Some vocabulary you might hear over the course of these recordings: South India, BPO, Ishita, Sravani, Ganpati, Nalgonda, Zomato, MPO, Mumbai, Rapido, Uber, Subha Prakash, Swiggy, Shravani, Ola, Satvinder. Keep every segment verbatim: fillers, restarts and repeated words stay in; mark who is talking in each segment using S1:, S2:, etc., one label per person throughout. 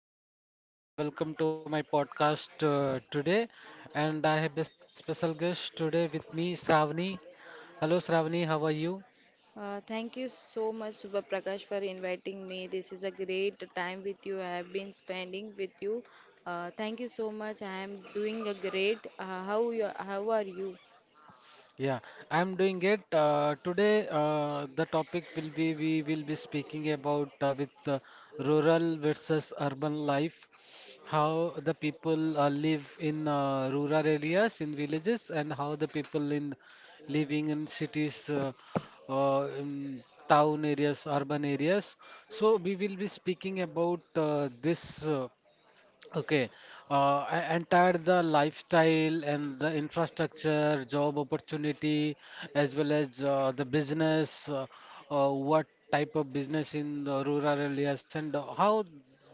S1: Subha Prakash and uh, welcome to my podcast uh, today. And I have a special guest today with me, Sravani. Hello Sravani, how are you?
S2: Uh, thank you so much, Subha Prakash, for inviting me. This is a great time with you. I have been spending with you. Uh, thank you so much. I am doing a great. Uh, how you? How are you?
S1: Yeah, I'm doing it. Uh, today, uh, the topic will be we will be speaking about uh, with uh, rural versus urban life, how the people uh, live in uh, rural areas in villages and how the people in living in cities, uh, uh, in town areas, urban areas. So we will be speaking about uh, this. Uh, Okay, uh, e- entire the lifestyle and the infrastructure, job opportunity, as well as uh, the business, uh, uh, what type of business in the rural areas, and how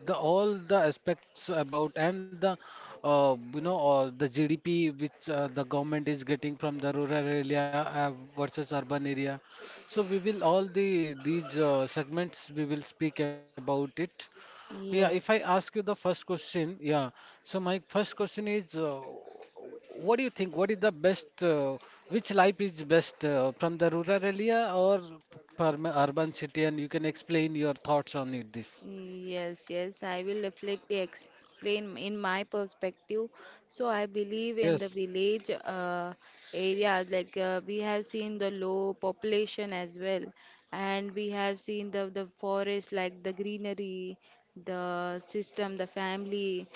S1: the all the aspects about and the uh, you know uh, the G D P which uh, the government is getting from the rural area uh, versus urban area. So we will all the these uh, segments we will speak about it. Yeah, if I ask you
S2: Yes,
S1: the first question, yeah. So my first question is, uh, what do you think? What is the best? Uh, which life is best uh, from the rural area or from urban city? And you can explain your thoughts on it, this.
S2: yes, yes. I will definitely explain in my perspective. So I believe in the
S1: Yes.
S2: village uh, areas, like uh, we have seen the low population as well, and we have seen the the forest, like the greenery, the system, the family,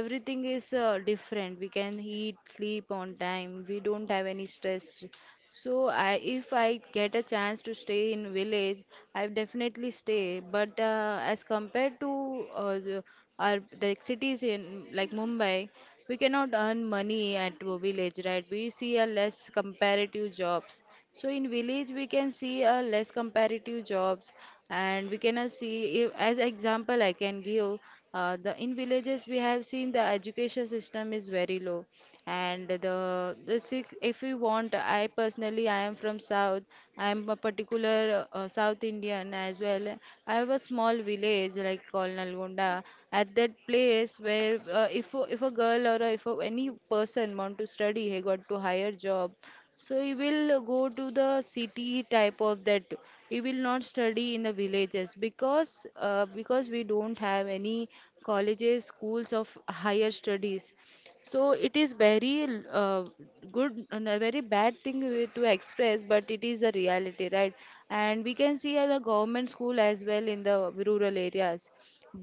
S2: everything is uh, different. We can eat, sleep on time. We don't have any stress. So I, if I get a chance to stay in village, I definitely stay. But uh, as compared to uh, the, our the cities in like Mumbai, we cannot earn money at a village, right? We see a less comparative jobs. So in village we can see a less comparative jobs, and we cannot see if, as example I can give uh, the in villages we have seen the education system is very low, and the, the sick if we want, I personally I am from south, I am a particular uh, south indian as well, I have a small village like called nalgonda, at that place where uh, if a- if a girl or a, if a, any person want to study he got to higher job, so he will go to the city type of that. We will not study in the villages because uh, because we don't have any colleges schools of higher studies, so it is very uh, good and a very bad thing we- to express, but it is a reality, right? And we can see at the government school as well in the rural areas.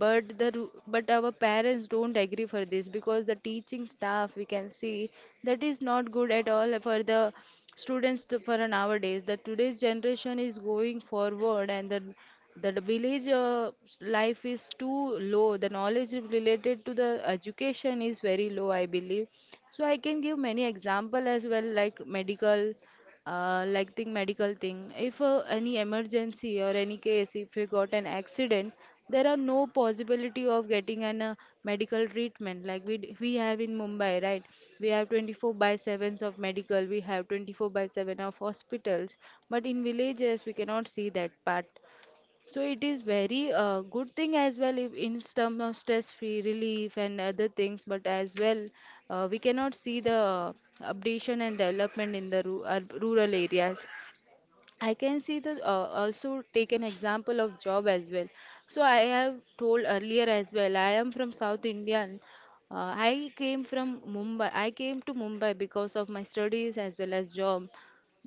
S2: But the ru- but our parents don't agree for this because the teaching staff we can see that is not good at all for the students to, for nowadays. The today's generation is going forward, and the the d- village uh, s- life is too low. The knowledge related to the education is very low, I believe. So I can give many example as well, like medical, uh, like thing medical thing. If uh, any emergency or any case, if you got an accident, there are no possibility of getting an uh, medical treatment like we d- we have in Mumbai, right? We have twenty-four by sevens of medical, we have twenty-four by seven of hospitals, but in villages we cannot see that part. So it is very uh, good thing as well if in terms of stress-free relief and other things, but as well uh, we cannot see the updation and development in the ru- uh, rural areas. I can see the uh, also take an example of job as well. So I have told earlier as well. I am from South Indian. Uh, I came from Mumbai. I came to Mumbai because of my studies as well as job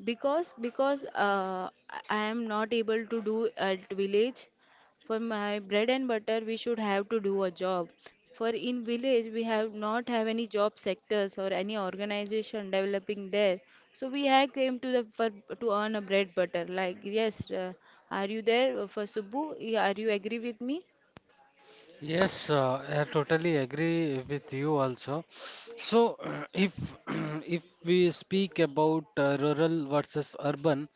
S2: because because uh, i I am not able to do at village. For my bread and butter, we should have to do a job. For in village, we have not have any job sectors or any organization developing there. So we have came to the for to earn a bread butter. Like yes, uh, are you there uh, for Subbu? Yeah, are you agree with me?
S1: Yes, uh, I totally agree with you also. So, if if we speak about uh, rural versus urban,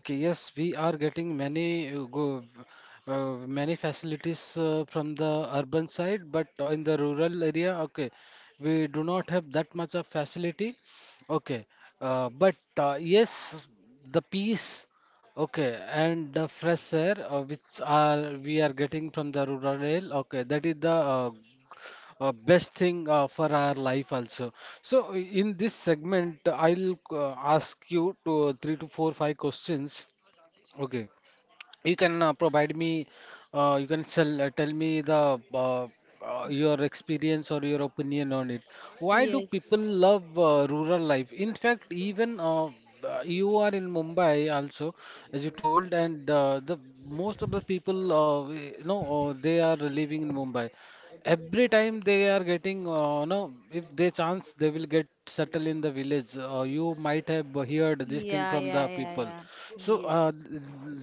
S1: okay, yes, we are getting many uh, go, uh, many facilities uh, from the urban side, but in the rural area, okay, we do not have that much of facility. Okay, uh, but uh, yes, the peace. Okay, and the fresh air uh, which are we are getting from the rural air, okay, that is the uh, uh, best thing uh, for our life also. So i- in this segment, I'll uh, ask you to three to four five questions. Okay, you can uh, provide me, uh, you can sell, uh, tell me the uh, uh, your experience or your opinion on it. Why do people
S2: Yes.
S1: love uh, rural life? In fact, even uh, uh, you are in Mumbai also, as you told, and uh, the most of the people, uh, we- you know, uh, they are living in Mumbai. Every time they are getting, uh, no, if they chance, they will get settled in the village. Uh, you might have heard this thing
S2: Yeah,
S1: from
S2: yeah,
S1: the
S2: yeah,
S1: people.
S2: yeah.
S1: So uh,
S2: Yes.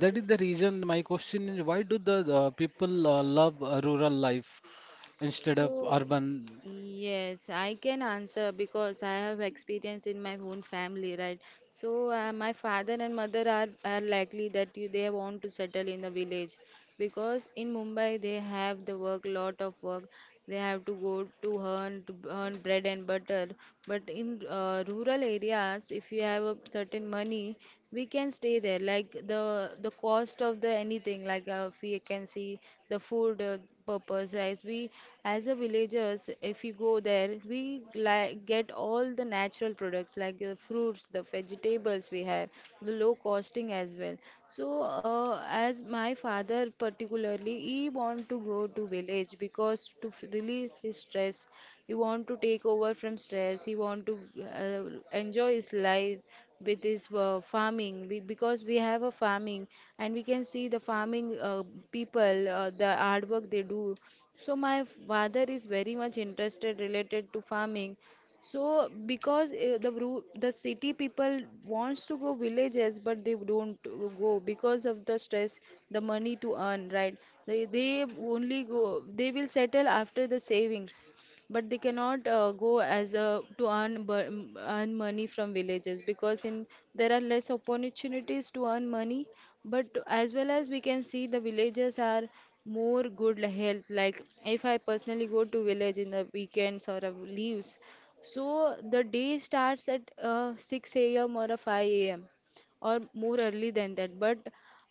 S1: th- that is the reason my question is why do the uh, people uh, love uh, rural life instead of
S2: So,
S1: urban?
S2: yes, I can answer because I have experience in my own family, right? So, uh, my father and mother are, are likely that you, they want to settle in the village because in Mumbai they have the work, lot of work. They have to go to earn to earn bread and butter. But in uh, rural areas, if you have a certain money, we can stay there. Like the the cost of the anything, like uh, if we can see the food. Uh, purpose as we as a villagers if we go there we like get all the natural products like the fruits the vegetables we have the low costing as well, so uh, as my father particularly he want to go to village because to f- relieve his stress, he want to take over from stress, he want to uh, enjoy his life with this uh, farming we, because we have a farming, and we can see the farming uh, people uh, the hard work they do. So my father is very much interested related to farming, so because uh, the ru- the city people wants to go villages, but they don't go because of the stress, the money to earn, right? They they only go. They will settle after the savings, but they cannot uh, go as a to earn bu- m- earn money from villages because in there are less opportunities to earn money. But as well as we can see, the villages are more good health. Like if I personally go to village in the weekends or uh, leaves. So the day starts at uh, six a m or a five a m or more early than that. But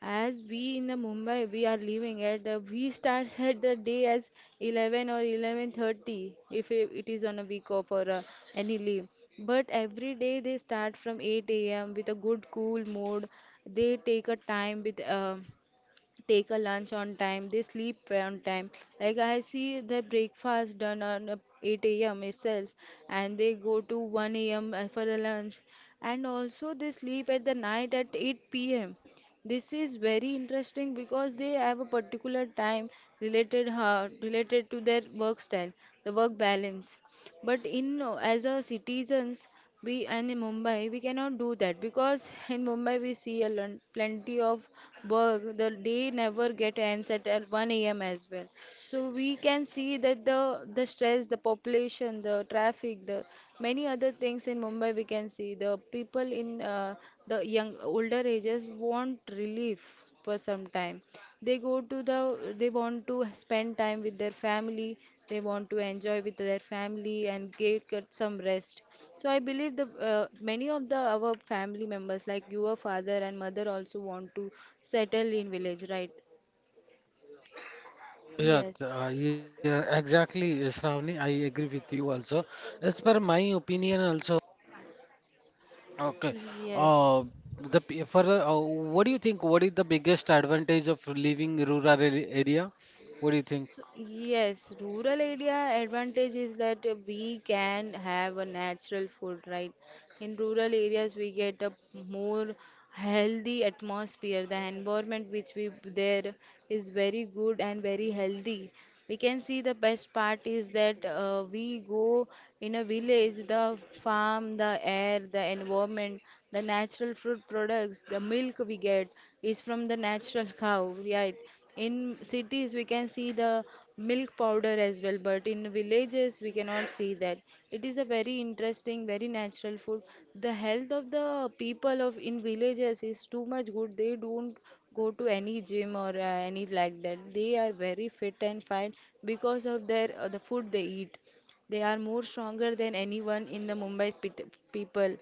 S2: as we in the Mumbai, we are living at uh, we starts at the day as eleven or eleven thirty if it it is on a week off or uh, any leave. But every day they start from eight a m with a good cool mood. They take a time with. Uh, take a lunch on time, they sleep well on time. Like I see their breakfast done on uh, eight a m itself, and they go to one a m uh, for the lunch, and also they sleep at the night at eight p m. This is very interesting because they have a particular time related uh, related to their work style, the work balance. But in uh, as a citizens, we and in Mumbai we cannot do that because in Mumbai we see a lon- plenty of work. The day never get ends at uh, one a m as well. So we can see that the the stress, the population, the traffic, the many other things in Mumbai we can see. The people in uh, the young older ages want relief for some time, they go to the they want to spend time with their family, they want to enjoy with their family and get, get some rest. So I believe the uh, many of the our family members, like your father and mother, also want to settle in village, right?
S1: Yes,
S2: Yes,
S1: uh, yeah, exactly, uh, Shravani. I agree with you also. As per my opinion, also, okay.
S2: yes.
S1: Uh, the p- for uh, What do you think? What is the biggest advantage of living rural ar- area? What do you think?
S2: So, yes, rural area advantage is that uh, we can have a natural food, right? In rural areas, we get a more healthy atmosphere. The environment which we there is very good and very healthy. We can see the best part is that uh, we go in a village, the farm, the air, the environment, the natural fruit products, the milk we get is from the natural cow, right? In cities, we can see the milk powder as well, but in villages, we cannot see that. It is a very interesting, very natural food. The health of the people of in villages is too much good. They don't go to any gym or uh, any like that. They are very fit and fine because of their uh, the food they eat. They are more stronger than anyone in the Mumbai pit people.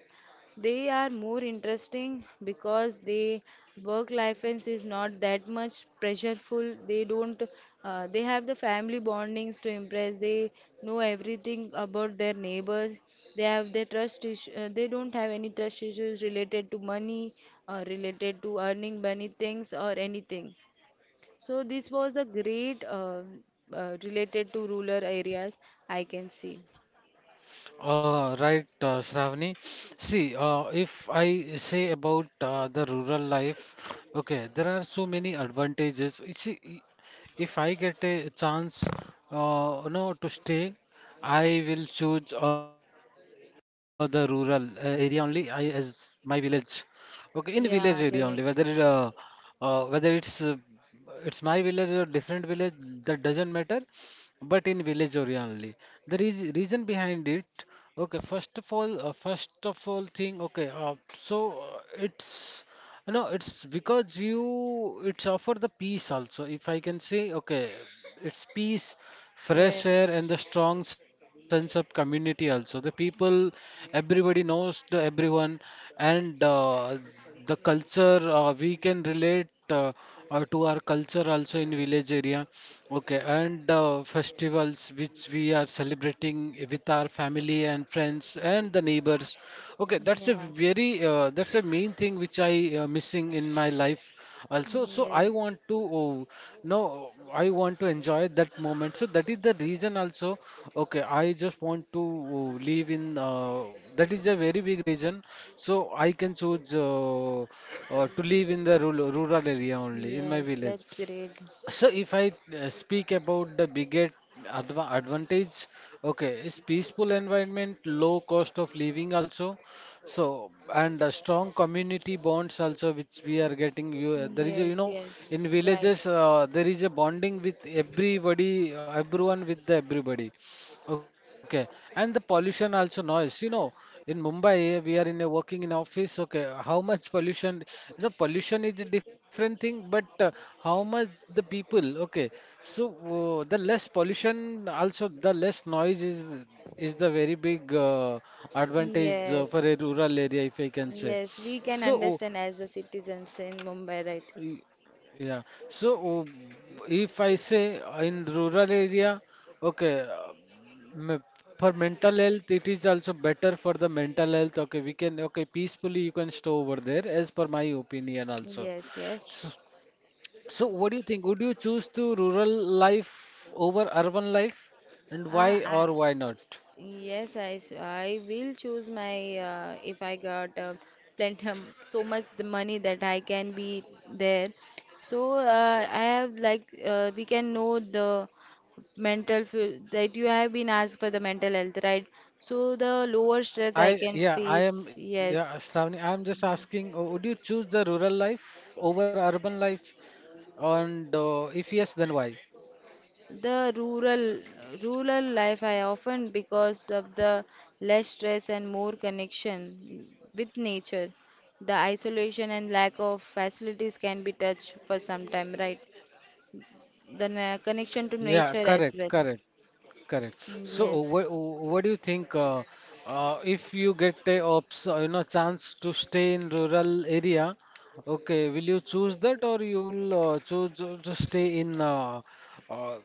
S2: They are more interesting because they work life is is not that much pressureful. They don't uh, they have the family bondings to impress. They know everything about their neighbors. They have their trust issue. Uh, they don't have any trust issues related to money or related to earning money things or anything. So this was a great uh, uh, related to rural areas I can see.
S1: Uh, right, uh, Shravani. See, uh, if I say about uh, the rural life, okay, there are so many advantages. You see, i- if I get a chance, uh, you know, to stay, I will choose uh, the rural uh, area only. I as my village, okay, in village area only. Whether
S2: Yeah,
S1: it, uh,
S2: great.
S1: uh, whether it's uh, it's my village or different village, that doesn't matter but in village area only. The reas- reason behind it, okay, first of all, uh, first of all thing, okay, uh, so uh, it's uh, no, it's because you it's offer the peace also. If I can say, okay, it's peace, fresh air, and
S2: Yes.
S1: the strong sense of community also. The people, everybody knows the everyone, and uh, the culture uh, we can relate uh, uh, to our culture also in village area. Okay, and the festivals which we are celebrating with our family and friends and the neighbors. Okay, that's a
S2: Yeah.
S1: very uh, that's a main thing which I uh, missing in my life also. So I want
S2: Yes,
S1: to oh, no, I want to enjoy that moment. So that is the reason also. Okay, I just want to oh, live in. Uh, that is a very big reason. So I can choose. Uh, uh, to live in the rural, rural area only in my
S2: yes,
S1: village.
S2: that's great.
S1: So if I uh, speak about the biggest adva advantage, okay, is peaceful environment, low cost of living also. So and uh, strong community bonds also, which we are getting. You, uh, there is a,
S2: Yes,
S1: you know,
S2: yes,
S1: in
S2: right.
S1: villages uh, there is a bonding with everybody, everyone with the everybody. Okay, and the pollution also noise. You know, in Mumbai, we are in a working in office. Okay, how much pollution? You know, pollution is a different thing, but uh, how much the people? Okay, so uh, the less pollution, also the less noise is is the very big uh, advantage uh, for a
S2: Yes,
S1: rural area, if I can say.
S2: yes, we can
S1: So
S2: understand as a citizens in Mumbai, right?
S1: yeah. So oh, if I say uh, in rural area, okay, uh, me- for mental health, it is also better for the mental health. Okay, we can okay peacefully you can stay over there, as per my opinion also.
S2: Yes, yes.
S1: So, so what do you think? Would you choose to rural life over urban life, and
S2: Ah,
S1: why
S2: I,
S1: or why not?
S2: yes, I, s- I will choose my uh, if I got uh, plenty um, so much the money that I can be there. So uh, I have like uh, we can know the mental fe- that you have been asked for the mental health right, so the lower stress I
S1: I
S2: can
S1: yeah, I
S2: face
S1: am yeah,
S2: yes,
S1: Shravani, I'm just asking, uh, would you choose the rural life over urban life? And uh, if yes, then why?
S2: the rural rural life I often because of the less stress and more connection with nature, the isolation and lack of facilities can be touched for some time right, the na- connection to
S1: Yeah,
S2: nature
S1: correct,
S2: as well.
S1: correct, correct.
S2: Mm,
S1: So, uh,
S2: yes.
S1: what what do you think uh, uh, if you get a ops, uh, you know, chance to stay in rural area, okay, will you choose that or you will uh, choose to to stay in uh, uh,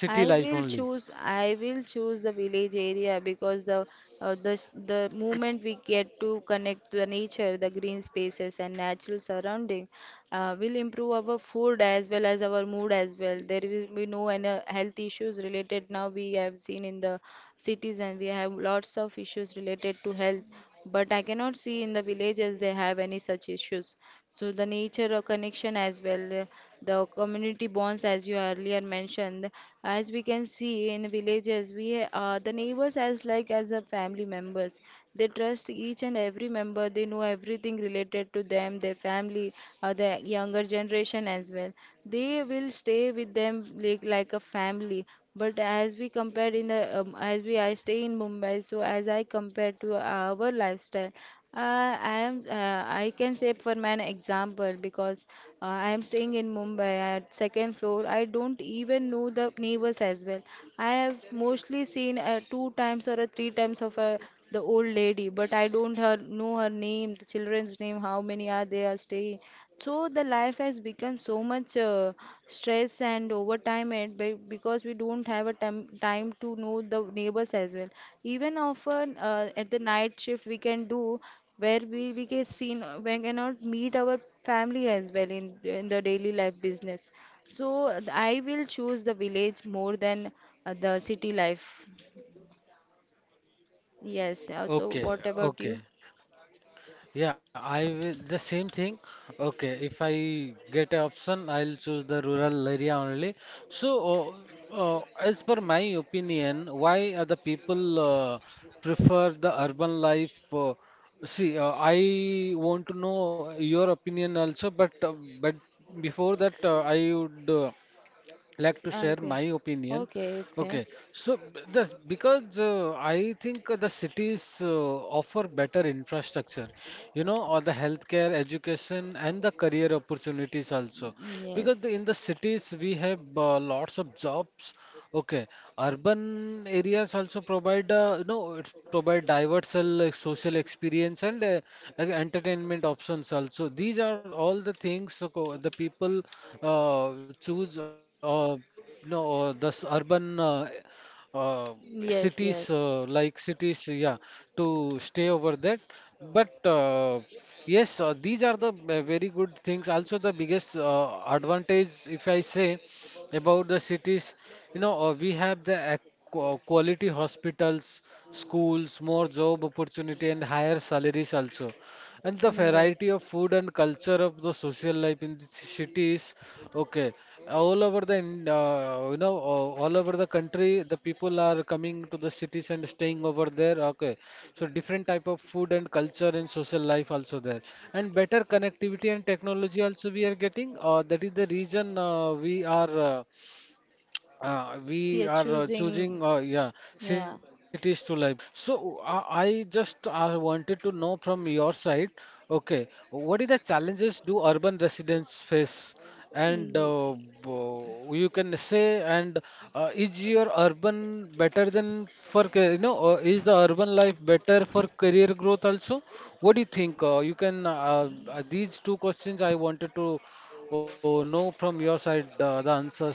S1: city
S2: I
S1: life
S2: will
S1: only?
S2: choose I will choose the village area because the uh, the s- the moment we get to connect to the nature, the green spaces and natural surrounding uh, will improve our food as well as our mood as well. There will be no any health issues related now we have seen in the cities, and we have lots of issues related to health, but I cannot see in the villages they have any such issues. So the nature of connection as well, the community bonds as you earlier mentioned, as we can see in villages, we uh, the neighbors as like as the family members. They trust each and every member. They know everything related to them, their family, uh, the younger generation as well. They will stay with them like like a a family. But as we compare in the um, as we I stay in Mumbai, so as I compare to our lifestyle, uh, I am uh, I can say for my example because uh, I am staying in Mumbai at second floor. I don't even know the neighbors as well. I have mostly seen uh, two times or a three times of a the old lady, but I don't her know her name, the children's name, how many are they are staying. So the life has become so much uh, stress and over time and be- because we don't have a time time to know the neighbors as well. Even often uh, at the night shift we can do where we we get seen, uh, we cannot meet our family as well in in the daily life business. So uh, I will choose the village more than uh, the city life. Yes. uh, So
S1: Okay,
S2: what about
S1: okay.
S2: you?
S1: Yeah, I will the same thing. Okay, if I get an option, I'll choose the rural area only. So, uh, uh, as per my opinion, why are the people uh, prefer the urban life? Uh, see, uh, I want to know your opinion also, but uh, but before that, uh, I would uh, like
S2: S-
S1: to
S2: uh,
S1: share
S2: Okay.
S1: my opinion.
S2: Okay. Okay.
S1: Okay, so b- this because uh, I think the cities uh, offer better infrastructure, you know, or the healthcare, education, and the career opportunities also. Because
S2: Yes.
S1: the, in the cities we have uh, lots of jobs. Okay, urban areas also provide uh, you know it provide diversal uh, like, social experience and uh, like entertainment options also. These are all the things uh, co- the people uh, choose. Uh, no, uh, This urban uh, uh, cities,
S2: Yes.
S1: uh,
S2: Yes.
S1: like cities, yeah, to stay over that. But uh, yes, uh, these are the uh, very good things. Also, the biggest uh, advantage, if I say about the cities, you know, uh, we have the ac- qua- quality hospitals, schools, more job opportunity, and higher salaries also. And the
S2: Mm,
S1: variety
S2: yes.
S1: of food and culture of the social life in the ci- cities, okay, all over the in- uh, you know uh, all over the country, the people are coming to the cities and staying over there. Okay, so different type of food and culture and social life also there, and better connectivity and technology also we are getting. Uh, that is the reason uh, we are. uh, uh, we
S2: Yeah,
S1: are uh,
S2: choosing.
S1: choosing uh, yeah
S2: Yeah.
S1: cities to live. So uh, I just uh, wanted to know from your side, okay, what is the challenges do urban residents face, and
S2: Y-
S1: uh, bo- you can say, and uh, is your urban better than for ca- you know uh, is the urban life better for career growth also? What do you think? Uh, you can uh, uh, These two questions I wanted to uh, know from your side uh, the answers,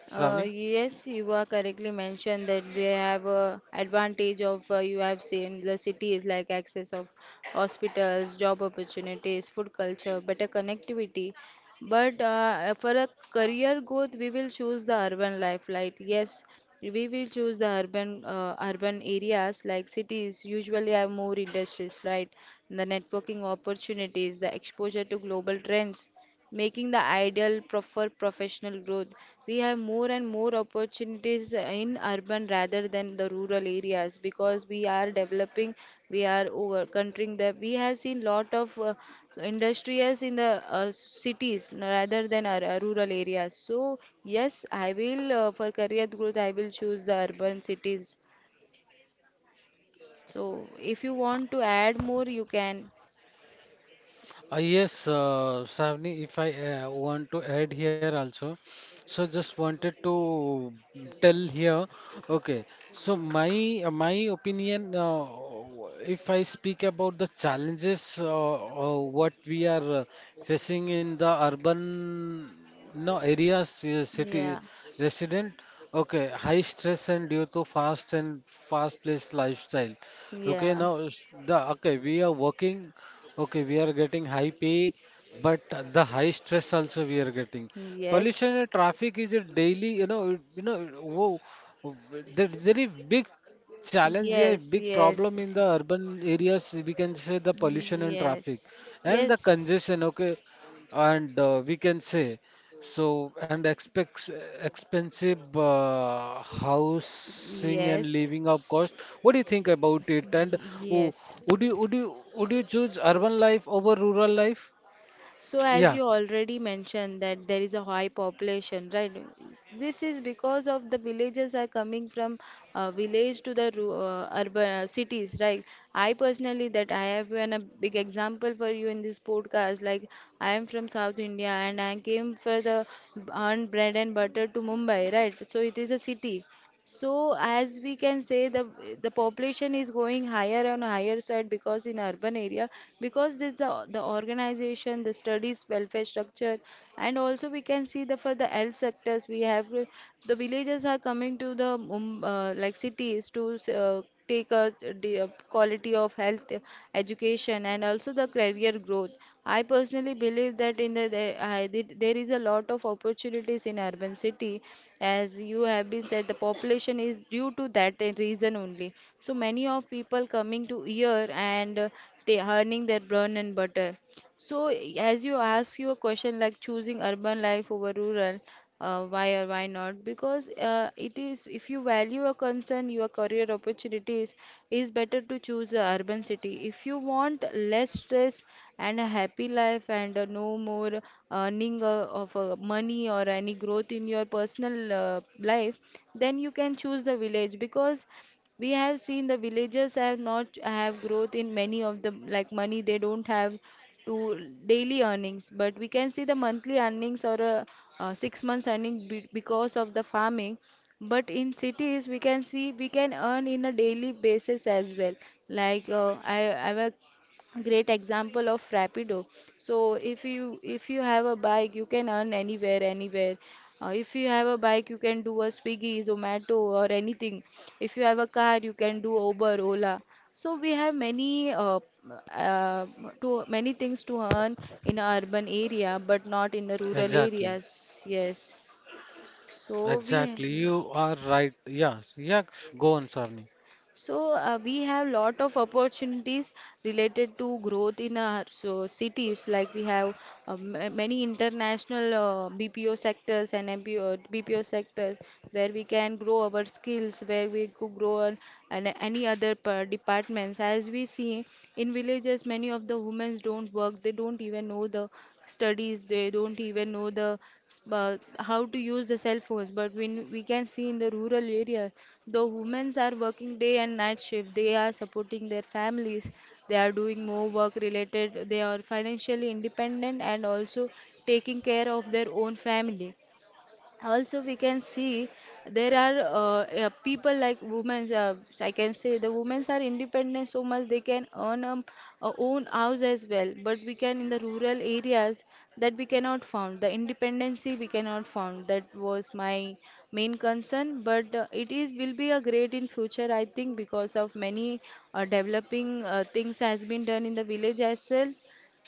S1: Shravani.
S2: Uh, yes, you are correctly mentioned that they have a advantage of, uh, you have seen the cities like access of hospitals, job opportunities, food culture, better connectivity. But uh, for a career growth, we will choose the urban life. Like yes, we will choose the urban uh, urban areas like cities usually have more industries, right? The networking opportunities, the exposure to global trends making the ideal prefer professional growth. We have more and more opportunities in urban rather than the rural areas because we are developing, we are over countering the. We have seen lot of uh, industries in the uh, cities rather than our, uh, rural areas. So yes, I will uh, for career growth I will choose the urban cities. So if you want to add more, you can.
S1: Uh, yes, uh, Savni, if I uh, want to add here also, so just wanted to tell here. Okay, so my uh, my opinion, uh, if I speak about the challenges, uh, uh, what we are uh, facing in the urban no areas, uh, city
S2: Yeah,
S1: resident. Okay, high stress and due to fast and fast-paced lifestyle. Okay,
S2: yeah,
S1: now s- the okay we are working. Okay, we are getting high pay, but the high stress also we are getting. Pollution
S2: yes.
S1: and traffic is a daily, you know, it- you know, whoa, there's very big challenge here, big
S2: Yes,
S1: problem in the
S2: yes.
S1: urban areas. We can say the pollution and traffic
S2: Yes,
S1: and the congestion.
S2: yes,
S1: Okay, and uh, we can say. So, and expects expensive uh, housing and
S2: yes,
S1: living up cost. What do you think about it? And w-
S2: yes.
S1: would you would you would you choose urban life over rural life?
S2: So, as
S1: Yeah,
S2: you already mentioned, that there is a high population, right? This is because of the villages are coming from uh, village to the ru- uh, urban uh, cities, right? I personally, that I have an, a big example for you in this podcast. Like, I am from South India and I came for the earned bread and butter to Mumbai, right? So, it is a city. So as we can say the the population is going higher and higher side because in urban area, because there's the, the organization, the studies welfare structure, and also we can see the, for the health sectors we have, uh, the villagers are coming to the Mum- uh, like cities to uh, take a the, uh, quality of health, uh, education, and also the career growth. I personally believe that in the, the I, did- there is a lot of opportunities in urban city, as you have been said, the population is due to that uh, reason only. So many of people coming to here and uh, they earning their bread and butter. So, as you ask your question, like choosing urban life over rural, uh, why or why not? Because uh, it is, if you value a concern, your career opportunities, is better to choose a urban city. If you want less stress and a happy life and uh, no more earning uh, of uh, money or any growth in your personal uh, life, then you can choose the village because we have seen the villagers have not have growth in many of the like money, they don't have to daily earnings, but we can see the monthly earnings or a, uh six months earning, be, because of the farming. But in cities we can see we can earn in a daily basis as well. Like uh, i i have great example of Rapido. So if you, if you have a bike you can earn anywhere, anywhere uh, if you have a bike you can do a Swiggy, Zomato, or anything. If you have a car you can do Uber, Ola. So we have many, uh, uh, to many things to earn in a urban area, but not in the rural
S1: exactly,
S2: areas. Yes. so we
S1: exactly. You are right. Yeah, yeah. Go on, Sarni.
S2: So uh, we have lot of opportunities related to growth in our so cities. Like we have uh, ma- many international uh, B P O sectors and MPO, B P O sectors, where we can grow our skills, where we could grow on and any other per departments. As we see in villages, many of the women don't work. They don't even know the studies, they don't even know the s- uh, how to use the cell phones. But when we can see in the rural areas, the women are working day and night shift, they are supporting their families, they are doing more work related, they are financially independent, and also taking care of their own family. Also we can see there are uh, uh, people like women, uh, I can say the women are independent so much, they can earn um, a own house as well. But we can, in the rural areas, that we cannot found the independency, we cannot found. That was my main concern. But uh, it is will be a great in future I think, because of many uh, developing uh, things has been done in the village as well.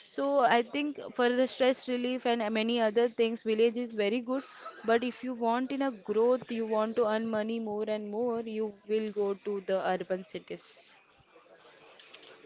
S2: So I think for the stress relief and uh, many other things, village is very good. But if you want in a growth, you want to earn money more and more, you will go to the urban cities.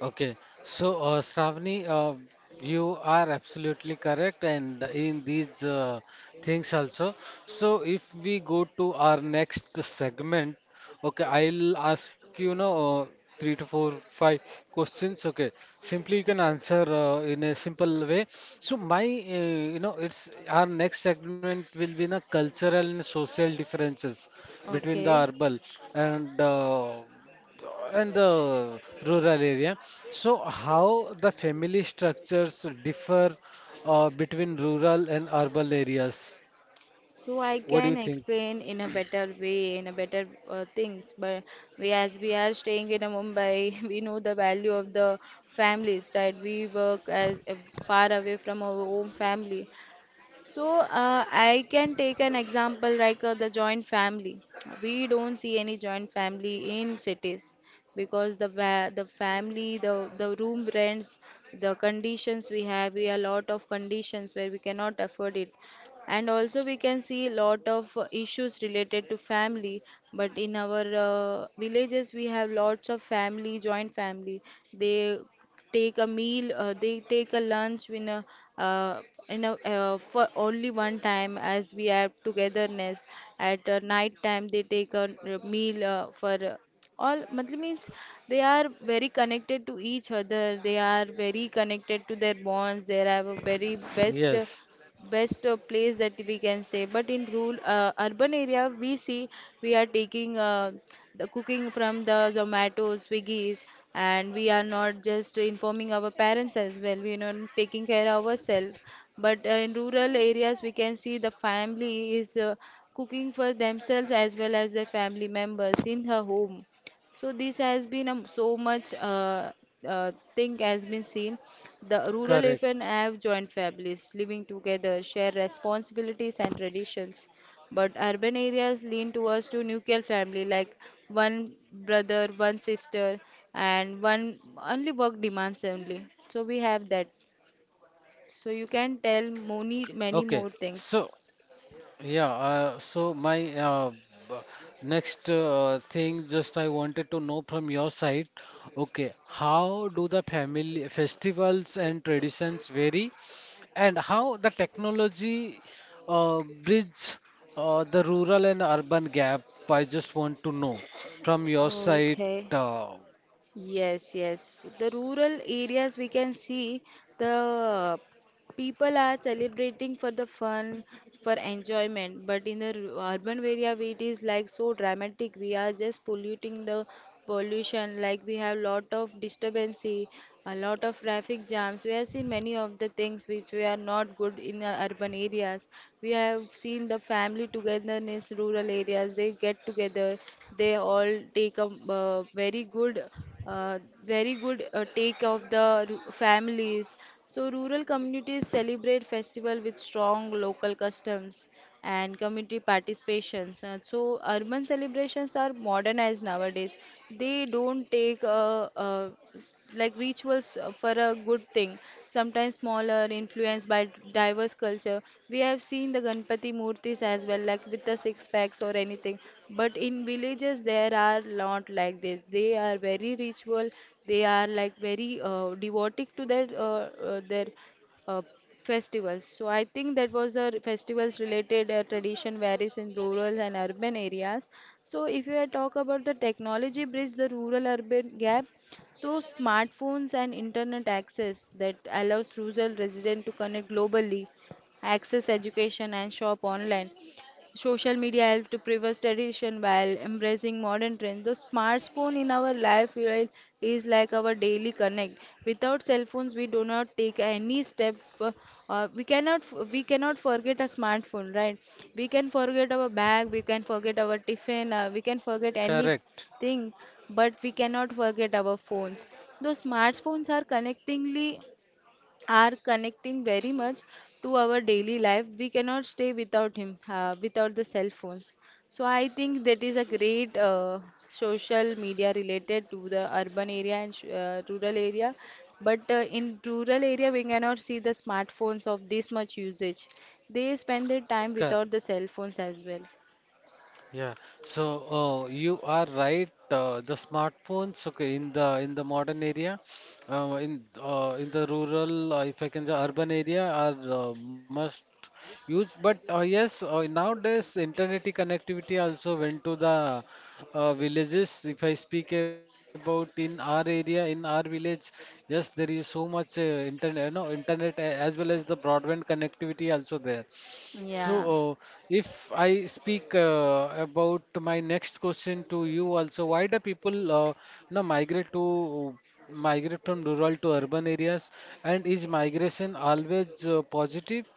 S1: Okay, so uh, Shravani, uh, you are absolutely correct, and in these uh, things also. So, if we go to our next segment, okay, I'll ask you, know, uh, three to four, five questions. Okay, simply you can answer uh, in a simple way. So, my, uh, you know, it's our next segment will be the cultural and social differences between the
S2: Okay.
S1: urban and uh, and the rural area. So, how the family structures differ uh, between rural and urban areas?
S2: So I
S1: What do
S2: can
S1: you think?
S2: explain in a better way, in a better uh, things. But we as we are staying in a Mumbai, we know the value of the families, right? We work as uh, far away from our own family. So uh, I can take an example like uh, the joint family. We don't see any joint family in cities because the va- the family, the the room rents, the conditions we have, we have a lot of conditions where we cannot afford it. And also we can see a lot of uh, issues related to family. But in our uh, villages, we have lots of family, joint family. They take a meal, uh, they take a lunch in a uh, in a uh, for only one time, as we have togetherness at uh, night time they take a, uh, meal uh, for uh, all, matlab means, they are very connected to each other, they are very connected to their bonds, they have a very best uh,
S1: Yes,
S2: best uh, place that we can say. But in rural, uh, urban area we see we are taking uh, the cooking from the Zomato, Swiggies, and we are not just informing our parents as well, we are not taking care of ourselves. But uh, in rural areas we can see the family is uh, cooking for themselves as well as their family members in her home. So this has been um, so much, uh, uh, thing has been seen. The rural even
S1: correct.
S2: have joint families living together, share responsibilities and traditions. But urban areas lean towards to nuclear family, like one brother, one sister, and one only work demands only. So we have that. So you can tell many many
S1: Okay.
S2: more
S1: So,
S2: things.
S1: yeah, uh, so my uh, b- next uh, thing just I wanted to know from your side. Okay, how do the family festivals and traditions vary, and how the technology uh, bridge uh, the rural and urban gap? I just want to know from your side.
S2: Okay.
S1: uh,
S2: Yes, yes. The rural areas we can see the people are celebrating for the fun, for enjoyment. But in the r- urban area, we- it is like so dramatic. We are just polluting the pollution, like we have lot of disturbance, a lot of traffic jams. We have seen many of the things which we are not good in uh, urban areas. We have seen the family togetherness, rural areas. They get together, they all take a, uh, very good uh, very good uh, take of the r- families. So rural communities celebrate festival with strong local customs and community participations. Uh, So urban celebrations are modernized nowadays. They don't take uh, uh, s- like rituals uh, for a good thing. Sometimes sometimes smaller, influenced by diverse culture. We have seen the Ganpati murtis as well, like with the six packs or anything. But in villages, there are lot like this. They are very ritual. They are like very uh, devoted to their uh, uh, their uh, festivals. So I think that was a festivals related uh, tradition varies in rural and urban areas. So if you are talk about the technology bridge the rural urban gap, those smartphones and internet access that allows rural residents to connect globally, access education and shop online. Social media helps to preserve tradition while embracing modern trends. The smartphone in our life will- is like our daily connect. Without cell phones, we do not take any step. Uh, uh, we cannot f- we cannot forget a smartphone, right? We can forget our bag, we can forget our tiffin, uh, we can forget
S1: correct
S2: anything, but we cannot forget our phones. Though smartphones are connectingly are connecting very much to our daily life, we cannot stay without him uh, without the cell phones. So I think that is a great uh, social media related to the urban area and sh- uh, rural area. But uh, in rural area we cannot see the smartphones of this much usage, they spend their time
S1: Cor-
S2: without the cell phones as well.
S1: Yeah, so uh, you are right. Uh, the smartphones, okay, in the in the modern area, uh, in uh, in the rural, uh, if I can say urban area, are uh, must use. But uh, yes, uh, nowadays internet connectivity also went to the uh, villages. If I speak about in our area, in our village, yes, there is so much uh, internet, you know, internet a- as well as the broadband connectivity also there. So,
S2: Yeah.
S1: uh, if I speak uh, about my next question to you also, why do people uh, now migrate to uh, migrate from rural to urban areas? And is migration always uh, positive?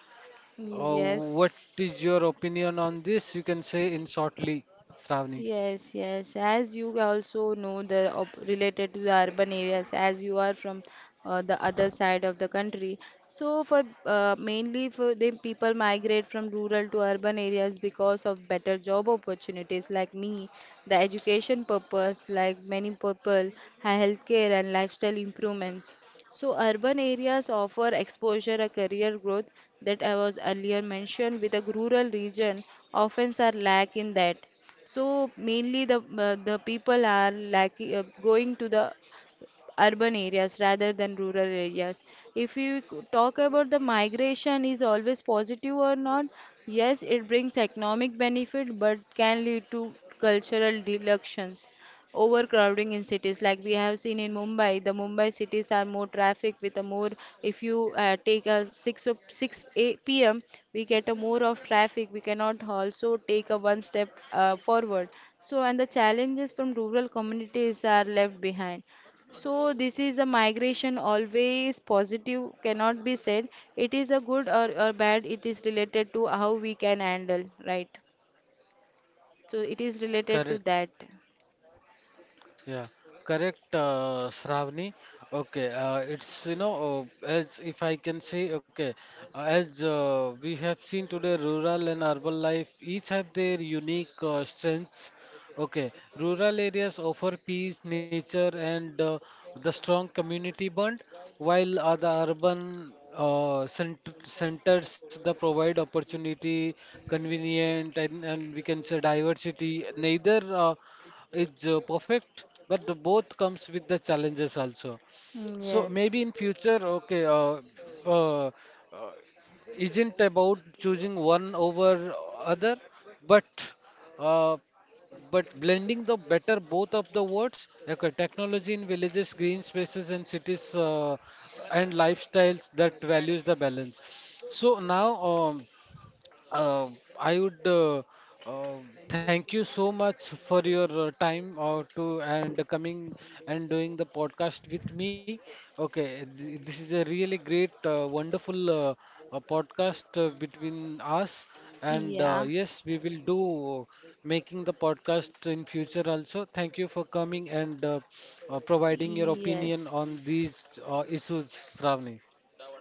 S2: Mm,
S1: Uh, what
S2: yes.
S1: is your opinion on this? You can say in shortly, Shravani.
S2: Yes, yes. As you also know, the op related to the urban areas, as you are from uh, the other side of the country. So for uh, mainly for the people migrate from rural to urban areas because of better job opportunities like me, the education purpose like many people, ha- healthcare and lifestyle improvements. So urban areas offer exposure a career growth that I was earlier mentioned, with a rural region often are lack in that. So mainly the uh, the people are like uh, going to the urban areas rather than rural areas. If you c- talk about the migration is always positive or not, yes, it brings economic benefit, but can lead to cultural delusions, overcrowding in cities, like we have seen in Mumbai. The Mumbai cities are more traffic with a more, if you uh, take a 6 o- six a p m, we get a more of traffic, we cannot also take a one step uh, forward. So and the challenges from rural communities are left behind. So this is a migration always positive cannot be said. It is a good or, or bad. It is related to how we can handle, right? So it is related to
S1: Correct.
S2: that.
S1: Yeah, correct, uh, Shravani. Okay, uh, it's you know uh, as if I can say okay, uh, as uh, we have seen today, rural and urban life each have their unique uh, strengths. Okay, rural areas offer peace, nature, and uh, the strong community bond, while uh, the urban uh, cent- centers the provide opportunity, convenient, and, and we can say diversity. Neither uh, is uh, perfect, but the both comes with the challenges also.
S2: Mm,
S1: So maybe
S2: yes.
S1: in future, okay, uh, uh, uh, isn't about choosing one over other, but uh, but blending the better both of the words, okay, technology in villages, green spaces and cities, uh, and lifestyles that values the balance. So now, um, uh, I would uh, uh, thank you so much for your uh, time uh, to and coming and doing the podcast with me. Okay, th- this is a really great, uh, wonderful uh, uh, podcast uh, between us, and uh,
S2: Yeah.
S1: yes, we will do uh, making the podcast in future also. Thank you for coming and uh, uh, providing your opinion on
S2: Yes.
S1: these uh, issues, Shravani.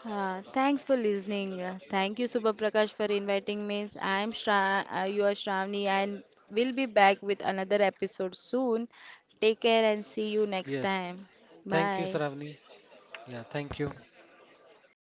S2: Uh, thanks for listening. Uh, Thank you, Subha Prakash, for inviting me. I'm Shra- uh, you are Shravani, and we'll be back with another episode soon. Take care and see you next
S1: Yes,
S2: time.
S1: thank you,
S2: Bye.
S1: Shravani. Yeah, thank you.